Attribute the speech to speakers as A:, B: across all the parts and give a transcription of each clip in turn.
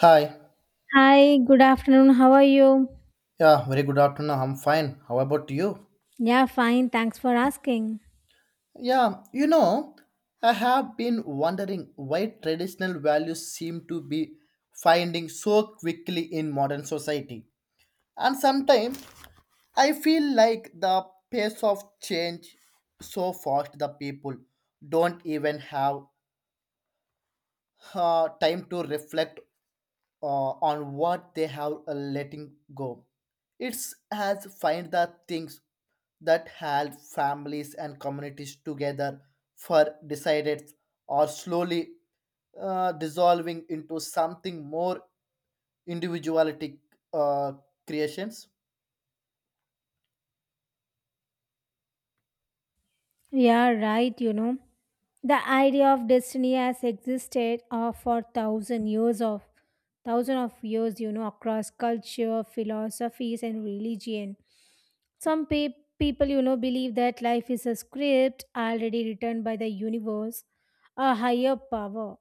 A: Hi.
B: Hi, good afternoon. How are you?
A: Yeah, very good afternoon. I'm fine. How about you?
B: Yeah, fine. Thanks for asking.
A: Yeah, you know, I have been wondering why traditional values seem to be finding so quickly in modern society. And sometimes I feel like the pace of change so fast the people don't even have time to reflect on what they have letting go. It's has find the things that held families and communities together for decided or slowly dissolving into something more individualistic uh, creations.
B: Yeah, right, you know. The idea of destiny has existed for thousand years of thousand of years, you know, across culture, philosophies and religion. Some people, you know, believe that life is a script already written by the universe, a higher power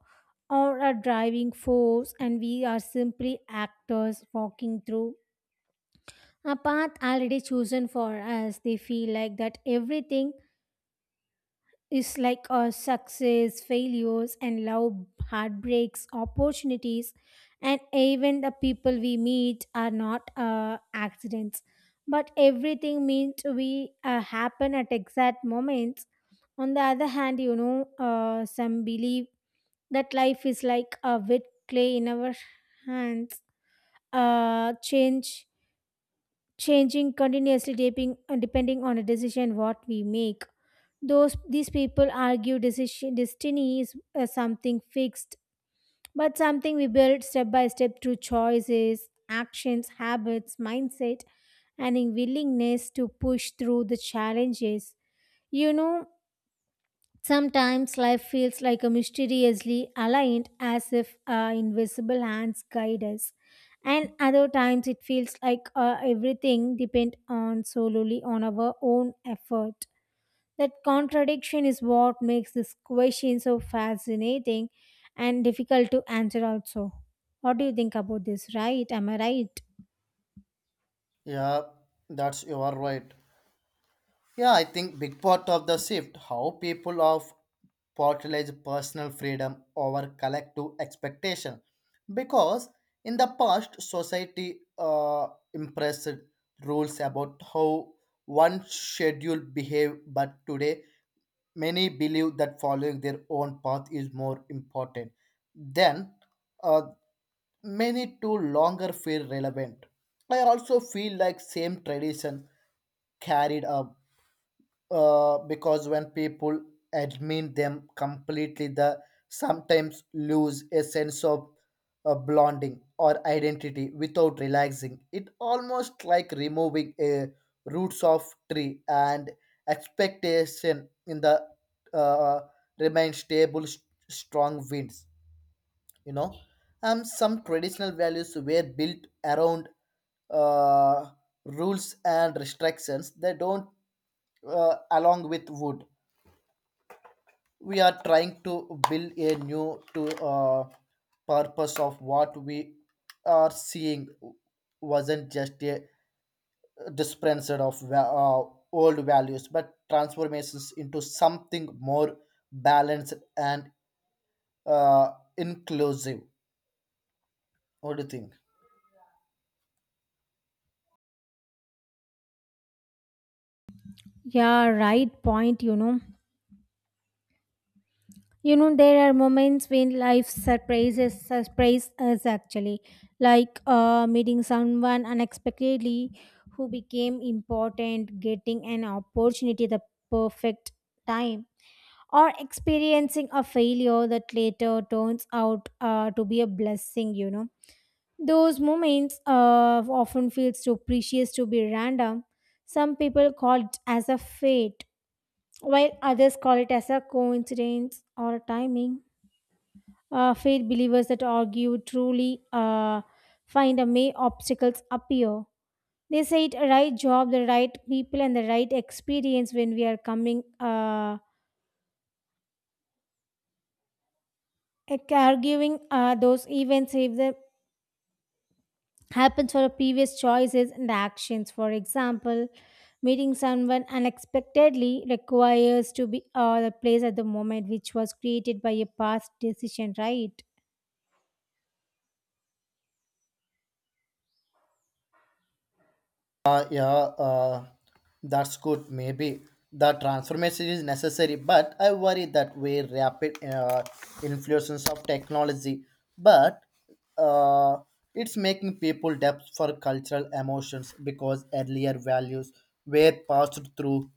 B: or a driving force, and we are simply actors walking through a path already chosen for us. They feel like that everything is like a success, failures, and love, heartbreaks, opportunities, and even the people we meet are not accidents. But everything means we happen at exact moments. On the other hand, you know, some believe that life is like a wet clay in our hands. Change Changing continuously depending on a decision what we make. Those These people argue decision destiny is something fixed, but something we build step by step through choices, actions, habits, mindset, and in willingness to push through the challenges. You know, sometimes life feels like a mysteriously aligned as if invisible hands guide us. And other times it feels like everything depends on solely on our own effort. That contradiction is what makes this question so fascinating and difficult to answer also. What do you think about this, right? Am I right?
A: Yeah, that's you are right. Yeah, I think big part of the shift how people of portrayed personal freedom over collective expectation, because in the past society impressed rules about how one schedule behave, but today many believe that following their own path is more important. Then, uh, many to longer feel relevant. I also feel like same tradition carried up because when people admit them completely, they sometimes lose a sense of blending or identity without realizing. It almost like removing a roots of tree and expectation in the uh, remain stable, strong winds, you know. Some traditional values were built around uh, rules and restrictions they don't along with wood we are trying to build a new to purpose of what we are seeing wasn't just a dispenser of old values but transformations into something more balanced and uh, inclusive. What do you think?
B: Yeah, right point, you know. You know, there are moments when life surprise us actually, like meeting someone unexpectedly who became important, getting an opportunity at the perfect time, or experiencing a failure that later turns out to be a blessing. You know, those moments often feels too precious to be random. Some people call it as a fate, while others call it as a coincidence or timing. Faith believers that argue truly find a may obstacles appear. They say it a right job, the right people, and the right experience when we are coming arguing those events if they happens for previous choices and actions. For example, meeting someone unexpectedly requires to be the place at the moment which was created by a past decision, right?
A: Uh, yeah, uh, that's good. Maybe the transformation is necessary, but I worry that we rapid influences of technology, but uh, it's making people depth for cultural emotions because earlier values were passed through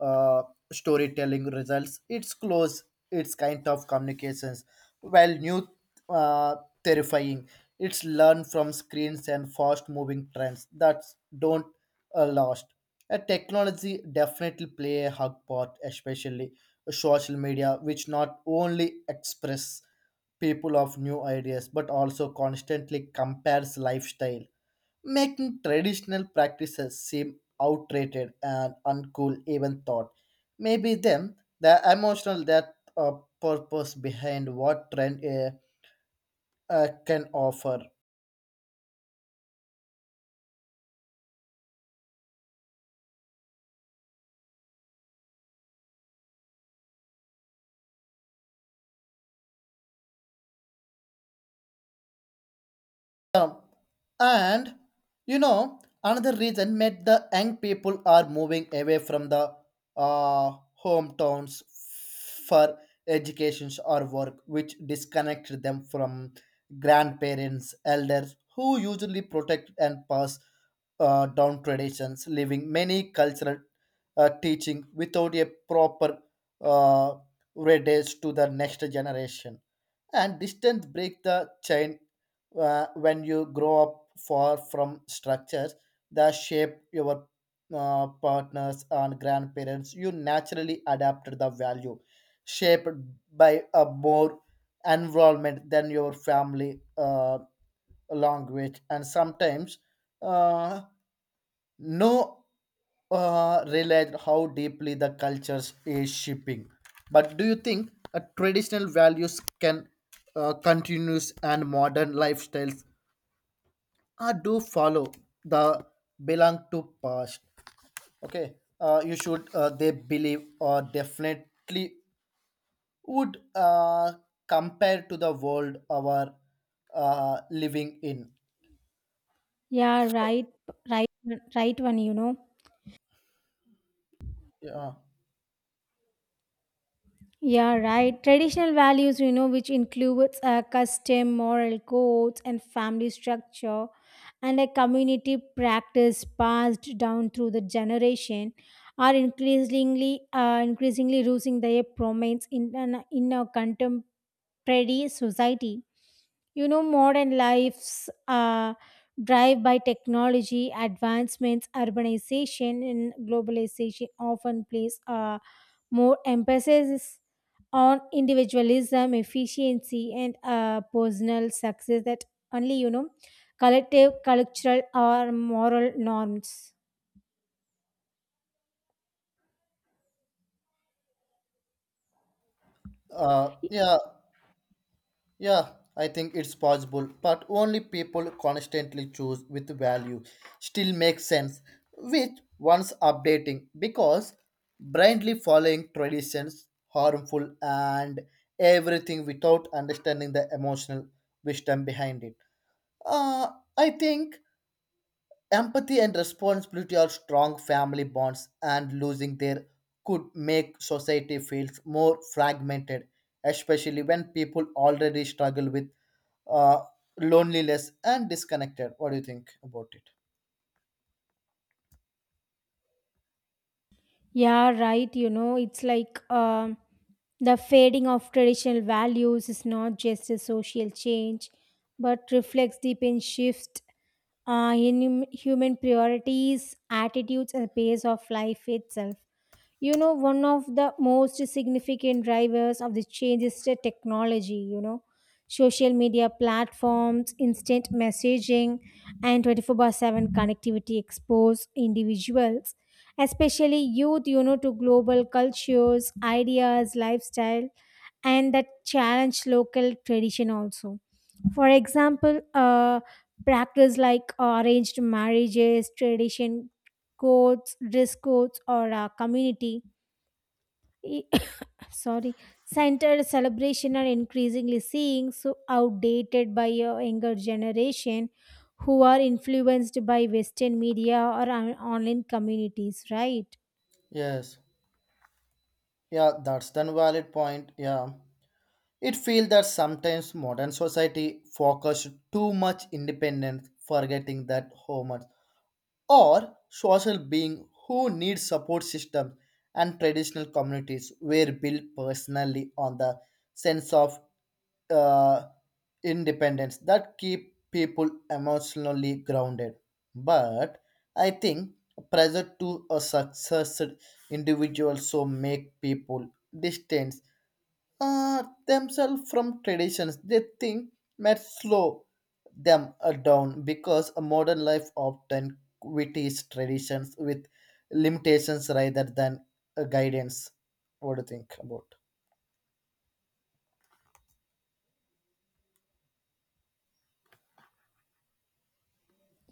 A: uh, storytelling results. It's close. It's kind of communications, while new uh, terrifying. It's learned from screens and fast moving trends that don't last. Technology definitely play a hug part, especially social media, which not only express people of new ideas but also constantly compares lifestyle, making traditional practices seem outdated and uncool even thought. Maybe them the emotional that purpose behind what trend can offer. Um, and you know, another reason that the young people are moving away from the uh, hometowns for educations or work, which disconnect them from grandparents, elders who usually protect and pass down traditions, leaving many cultural teaching without a proper uh, radius to the next generation. And distance break the chain when you grow up far from structures that shape your partners and grandparents you naturally adapt the value shaped by a more environment than your family language and sometimes uh, no realize how deeply the cultures is shaping. But do you think traditional values can continue and modern lifestyles do follow the belong to past? Okay, you should they believe or definitely would compare to the world our living in.
B: Yeah, right, right, right one, you know.
A: Yeah,
B: Yeah, right. Traditional values, you know, which includes a custom, moral codes, and family structure, and a community practice passed down through the generation, are increasingly losing their prominence in in our contemporary society. You know, modern lives are drive by technology advancements, urbanization, and globalization often place more emphasis on individualism, efficiency, and personal success that only, you know, collective, cultural, or moral norms. Y-
A: yeah. Yeah, I think it's possible, but only people constantly choose with value still makes sense with once updating because blindly following traditions harmful and everything without understanding the emotional wisdom behind it. Uh, I think empathy and responsibility are strong family bonds, and losing there could make society feels more fragmented, especially when people already struggle with uh, loneliness and disconnected. What do you think about it?
B: Yeah, right. You know, it's like the fading of traditional values is not just a social change, but reflects deep in shift in human priorities, attitudes, and pace of life itself. You know, one of the most significant drivers of the change is the technology. You know, social media platforms, instant messaging, and 24/7 connectivity expose individuals, especially youth, you know, to global cultures, ideas, lifestyle, and that challenge local tradition also. For example, practice like arranged marriages, tradition codes, dress codes, or community E- sorry, centered celebration are increasingly seeing so outdated by a younger generation who are influenced by western media or online communities, right?
A: Yes. Yeah, that's the valid point. Yeah. It feels that sometimes modern society focused too much independence, forgetting that home. Or social being who need support systems and traditional communities were built personally on the sense of uh, independence that keep people emotionally grounded, but I think pressure to a success individual so make people distant themselves from traditions. They think might slow them down because a modern life often queries traditions with limitations rather than guidance. What do you think about?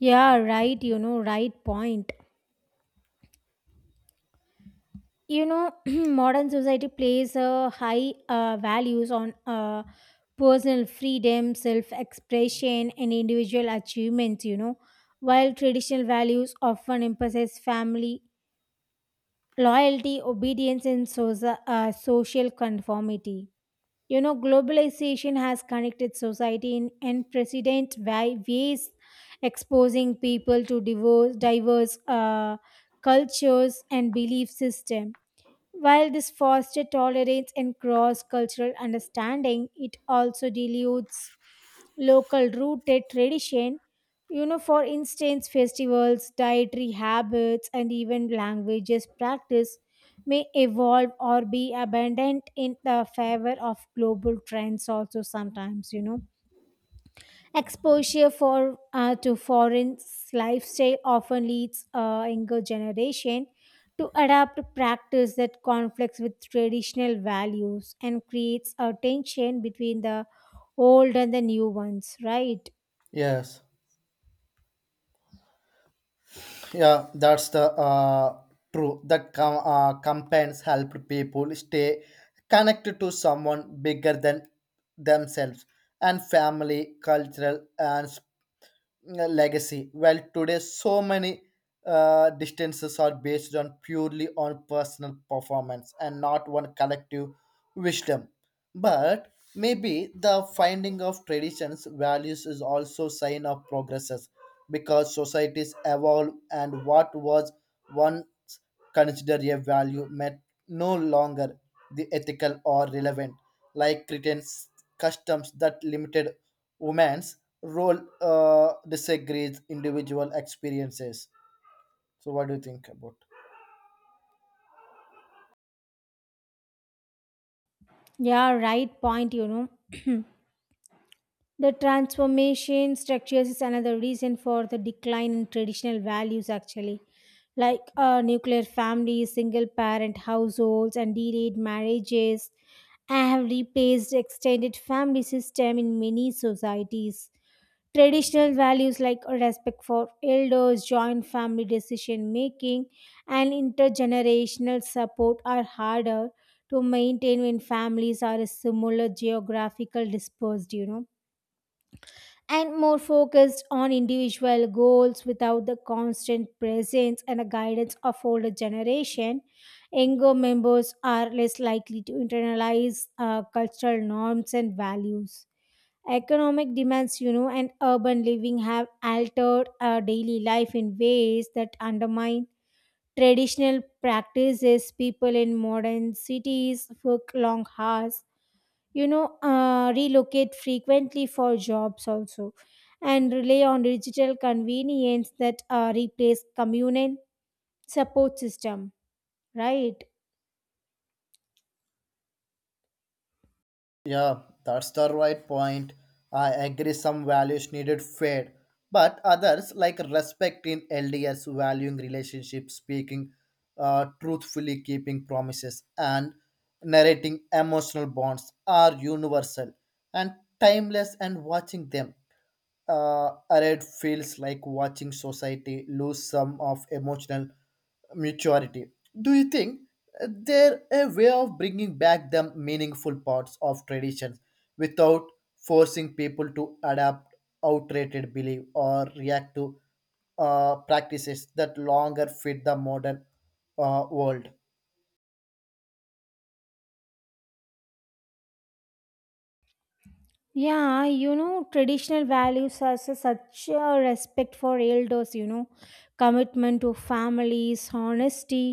B: Yeah, right, you know, right point, you know. Modern society places a high values on personal freedom, self expression, and individual achievements, you know, while traditional values often emphasize family loyalty, obedience, and social conformity. You know, globalization has connected society in unprecedented ways, exposing people to diverse cultures and belief systems. While this fosters tolerance and cross cultural understanding, it also dilutes local rooted tradition. You know, for instance, festivals, dietary habits, and even languages practice may evolve or be abandoned in the favor of global trends, also sometimes, you know. Exposure for to foreign lifestyle often leads a younger generation to adapt practice that conflicts with traditional values and creates a tension between the old and the new ones. Right?
A: Yes, yeah, that's the true. That campaigns help people stay connected to someone bigger than themselves and family, cultural, and legacy. Well, today so many distances are based on purely on personal performance and not one collective wisdom. But maybe the finding of traditions values is also sign of progresses because societies evolve and what was once considered a value may no longer the ethical or relevant, like cretan customs that limited women's role disagrees individual experiences. So what do you think about?
B: Yeah, right point. You know. The transformation structures is another reason for the decline in traditional values, actually, like nuclear families, single parent households, and delayed marriages have replaced extended family system in many societies. Traditional values like respect for elders, joint family decision making, and intergenerational support are harder to maintain when families are a similar geographical dispersed, you know, and more focused on individual goals without the constant presence and the guidance of older generation. Younger members are less likely to internalize cultural norms and values. Economic demands, you know, and urban living have altered our daily life in ways that undermine traditional practices. People in modern cities work long hours, you know, relocate frequently for jobs also, and rely on digital convenience that replace communal support system, right?
A: Yeah, that's the right point. I agree some values needed fade, but others like respect in lds valuing relationships speaking truthfully, keeping promises, and narrating emotional bonds are universal and timeless, and watching them Arad feels like watching society lose some of emotional maturity. Do you think there a way of bringing back the meaningful parts of traditions without forcing people to adapt outdated belief or react to practices that longer fit the modern world?
B: Yeah, you know, traditional values are such a respect for elders, you know, commitment to families, honesty,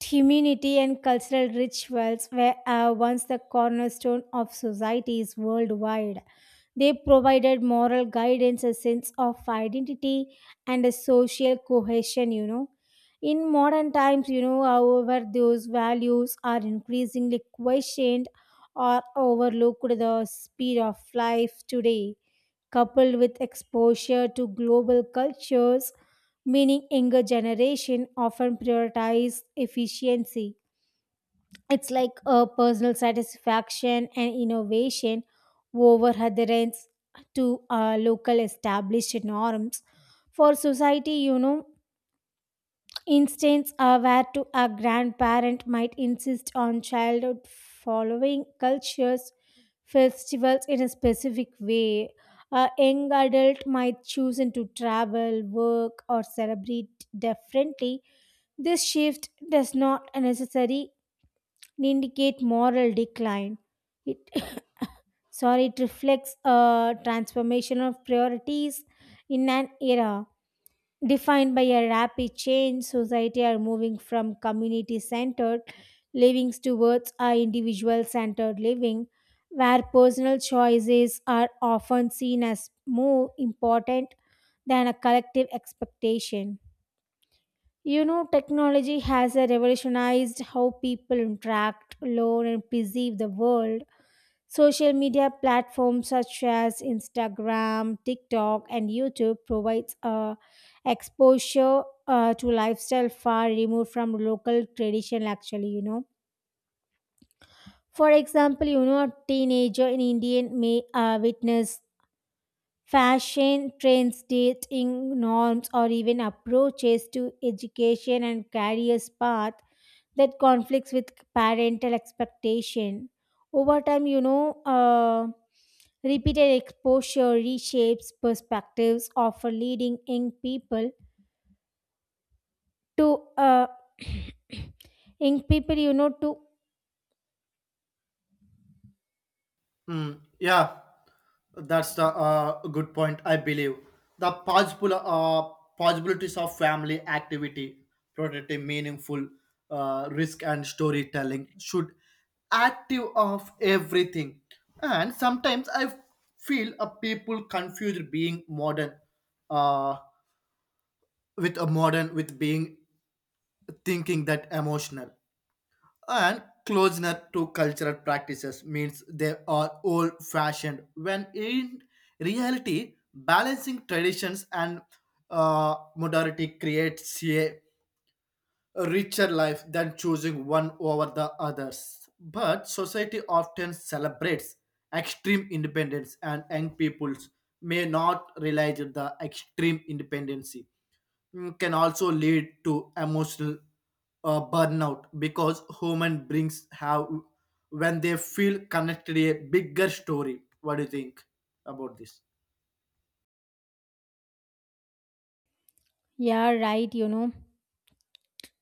B: community and cultural rituals were once the cornerstone of societies worldwide. They provided moral guidance, a sense of identity, and a social cohesion, you know. In modern times, you know, however, those values are increasingly questioned or overlooked. The speed of life today, coupled with exposure to global cultures, meaning younger generation often prioritize efficiency. It's like a personal satisfaction and innovation over adherence to local established norms. For society, you know, instances are where to a grandparent might insist on childhood following cultures, festivals in a specific way. A young adult might choose to travel, work, or celebrate differently. This shift does not necessarily indicate moral decline. It, sorry, it reflects a transformation of priorities in an era defined by a rapid change. Society are moving from community centered living towards a individual centered living, where personal choices are often seen as more important than a collective expectation. You know, technology has revolutionized how people interact, learn, and perceive the world. Social media platforms such as Instagram, TikTok, and YouTube provides exposure to lifestyle far removed from local tradition. Actually, you know, for example, you know, a teenager in India may witness fashion trends, dating norms, or even approaches to education and careers path that conflicts with parental expectation. Over time, you know, repeated exposure reshapes perspectives, often leading young people to young people, you know, to
A: Mm, yeah, that's the good point. I believe the possible possibilities of family activity, productive, meaningful, risk and storytelling should active of everything. And sometimes I feel a people confuse being modern, uh, with a modern with being thinking that emotional and closeness to cultural practices means they are old fashioned when in reality balancing traditions and modernity creates a richer life than choosing one over the others. But society often celebrates extreme independence, and young peoples may not realize that the extreme independency, mm, can also lead to emotional burnout because human brings have when they feel connected to a bigger story. What do you think about this?
B: yeah, right, you know,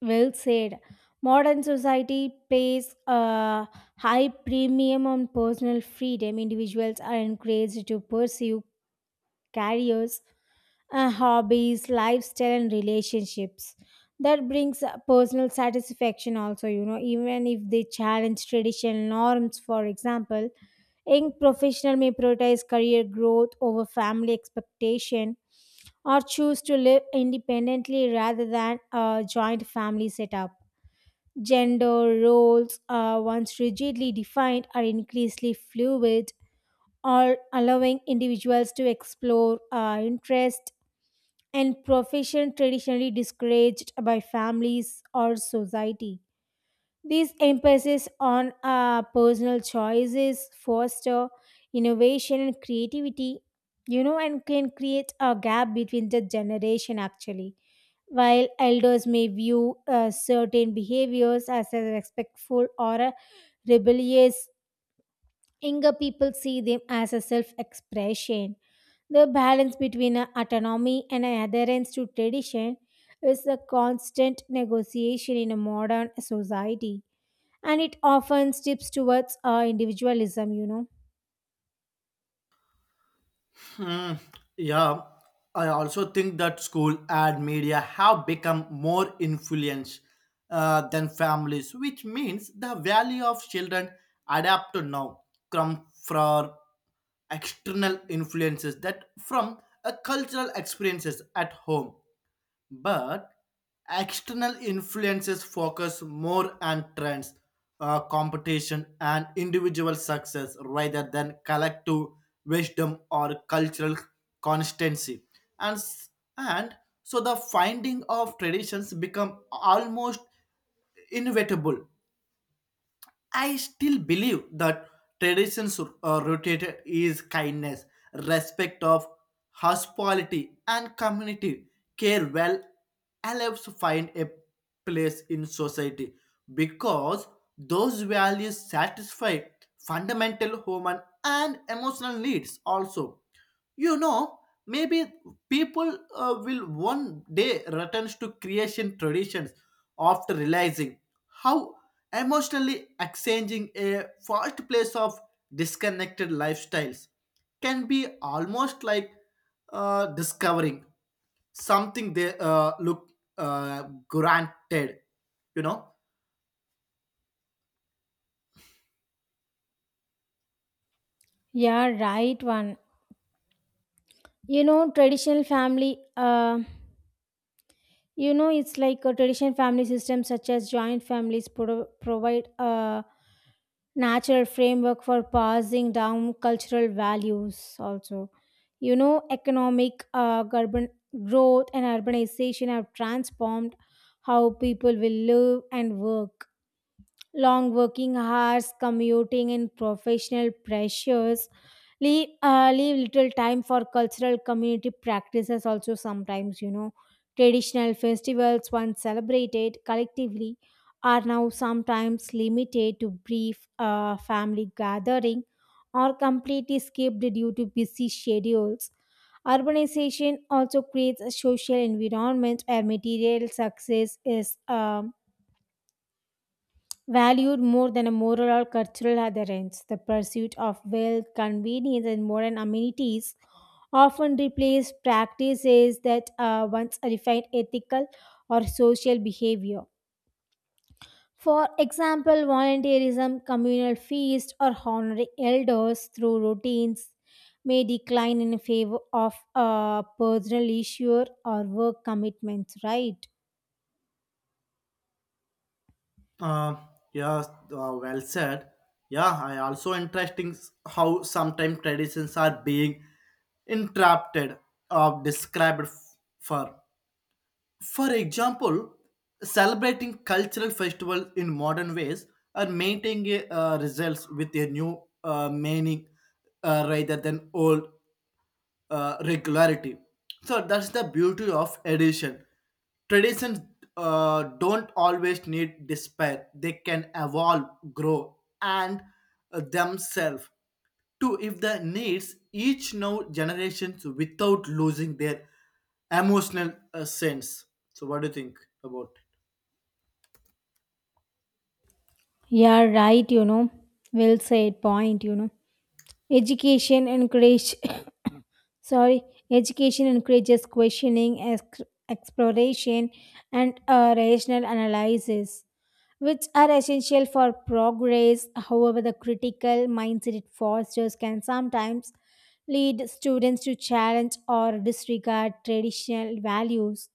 B: well said. Modern society pays a high premium on personal freedom. Individuals are encouraged to pursue careers, hobbies, lifestyle, and relationships. That brings personal satisfaction also, you know, even if they challenge traditional norms, for example. Young professional may prioritize career growth over family expectation or choose to live independently rather than a joint family setup. Gender roles, once rigidly defined, are increasingly fluid, or allowing individuals to explore interests and profession traditionally discouraged by families or society. This emphasis on personal choices foster innovation and creativity, you know, and can create a gap between the generation actually. While elders may view certain behaviors as a respectful or a rebellious, younger people see them as a self expression. The balance between a autonomy and a adherence to tradition is a constant negotiation in a modern society, and it often tips towards individualism, you know.
A: Hmm. Yeah, I also think that school and media have become more influential than families, which means the value of children adapt to now come from external influences that from a cultural experiences at home, but external influences focus more on trends, competition, and individual success rather than collective wisdom or cultural constancy. And, s- and so the finding of traditions become almost inevitable. I still believe that traditions rooted is kindness, respect of hospitality, and community care. Well, helps find a place in society because those values satisfy fundamental human and emotional needs also, you know, maybe people will one day return to creation traditions after realizing how emotionally exchanging a fast place of disconnected lifestyles can be almost like discovering something they look granted, you know.
B: Yeah, right one. You know, traditional family. You know, it's like a traditional family system such as joint families provide a natural framework for passing down cultural values also. You know, economic urban growth and urbanization have transformed how people will live and work. Long working hours, commuting, and professional pressures leave little time for cultural community practices. Also, sometimes, you know, traditional festivals once celebrated collectively are now sometimes limited to brief family gathering or completely skipped due to busy schedules. Urbanization also creates a social environment where material success is valued more than a moral or cultural adherence. The pursuit of wealth, convenience, and modern amenities often replace practices that once refined ethical or social behavior. For example, volunteerism, communal feasts, or honoring elders through routines may decline in favor of personal leisure or work commitments, right?
A: Uh, yeah, well said. Yeah, I also interesting how sometimes traditions are being interrupted or described for. For example, celebrating cultural festivals in modern ways are maintaining results with a new meaning rather than old regularity. So that's the beauty of edition. Traditions don't always need despair. They can evolve, grow, and themselves to if the needs each now generations without losing their emotional sense. So what do you think about?
B: Yeah, right, you know. Well said point, you know. Education encourage sorry, education encourages questioning, exploration, and rational analysis, which are essential for progress. However, the critical mindset it fosters can sometimes lead students to challenge or disregard traditional values.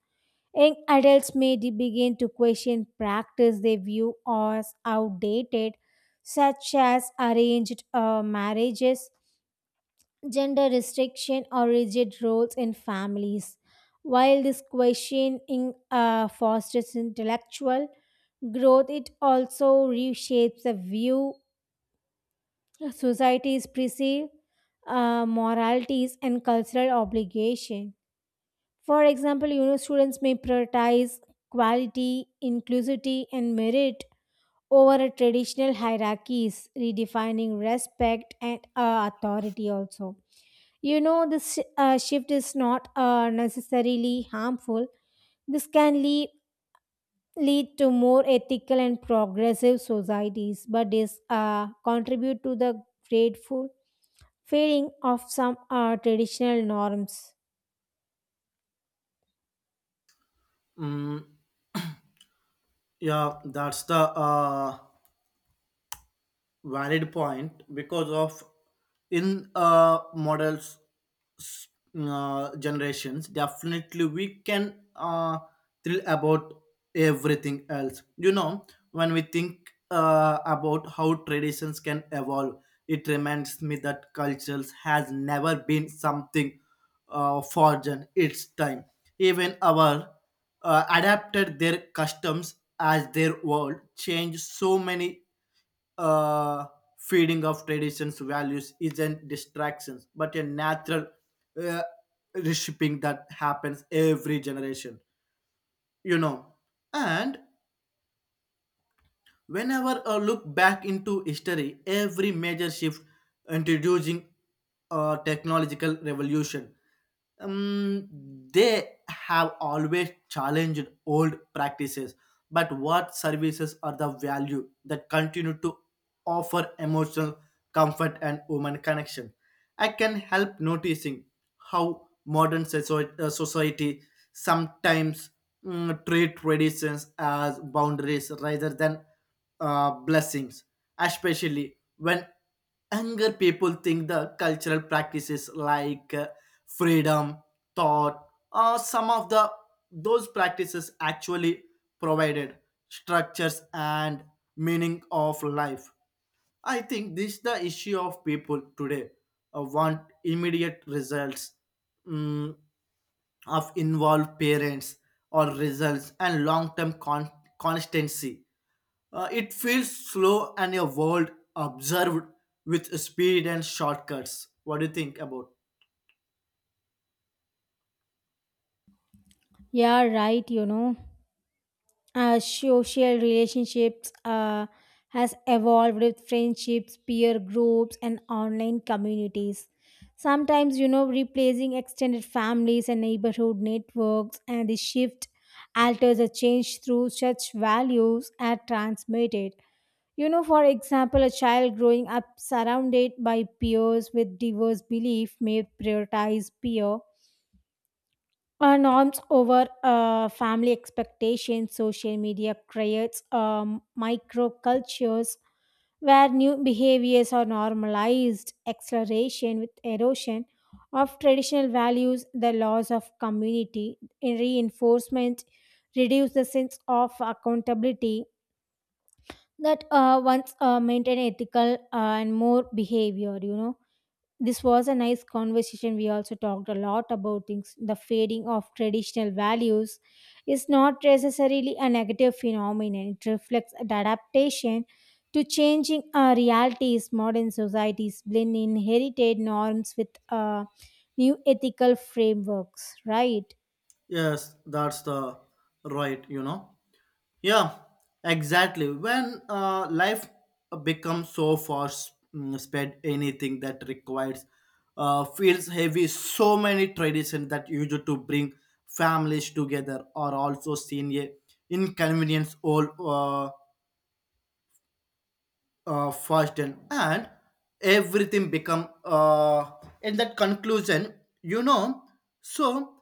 B: Young adults may begin to question practice they view as outdated, such as arranged marriages, gender restriction, or rigid roles in families. While this questioning fosters intellectual growth, it also reshapes the view societies perceive moralities and cultural obligation. For example, you know, students may prioritize quality, inclusivity, and merit over a traditional hierarchies, redefining respect and authority also. You know, this shift is not necessarily harmful. This can lead to more ethical and progressive societies, but is contribute to the grateful fading of some traditional norms.
A: Mm, yeah, that's the valid point because of in models generations. Definitely we can thrill about everything else, you know. When we think about how traditions can evolve, it reminds me that cultures has never been something foreign its time. Even our adapted their customs as their world changed, so many uh, feeding of traditions values isn't distractions but a natural uh, reshaping that happens every generation, you know. And whenever I look back into history, every major shift introducing a technological revolution, um, they have always challenged old practices. But what services are the value that continue to offer emotional comfort and human connection? I can help noticing how modern society sometimes, mm, treat traditions as boundaries rather than blessings, especially when younger people think the cultural practices like freedom, thought, or some of the those practices actually provided structures and meaning of life. I think this is the issue of people today want immediate results. Mm, of involved parents or results and constancy. It feels slow and a world observed with speed and shortcuts. What do you think about?
B: Yeah, right. You know. As social relationships has evolved with friendships, peer groups, and online communities. Sometimes, you know, replacing extended families and neighborhood networks, and the shift alters a change through such values are transmitted. You know, for example, a child growing up surrounded by peers with diverse belief may prioritize peer our norms over family expectations. Social media creates microcultures where new behaviors are normalized, acceleration with erosion of traditional values. The laws of community, in reinforcement, reduce the sense of accountability that once maintain ethical and more behavior, you know. This was a nice conversation. We also talked a lot about things. The fading of traditional values is not necessarily a negative phenomenon. It reflects an adaptation to changing realities. Modern societies blend inherited norms with new ethical frameworks, right?
A: Yes, that's the right. You know. Yeah, exactly. When life becomes so fast, mm, spread, anything that requires feels heavy. So many traditions that used to bring families together are also seen a inconvenience all fast and everything become in that conclusion. You know, so.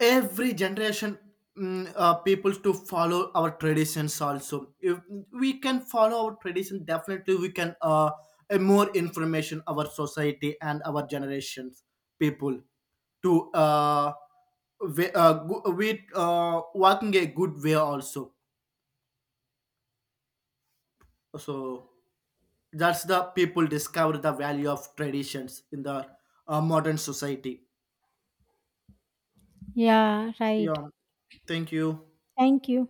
A: Every generation, mm, people to follow our traditions also. If we can follow our tradition definitely we can more information our society and our generations people to we, working a good way also. So that's the people discover the value of traditions in the modern society.
B: Yeah, right.
A: Yeah, thank you.
B: Thank you.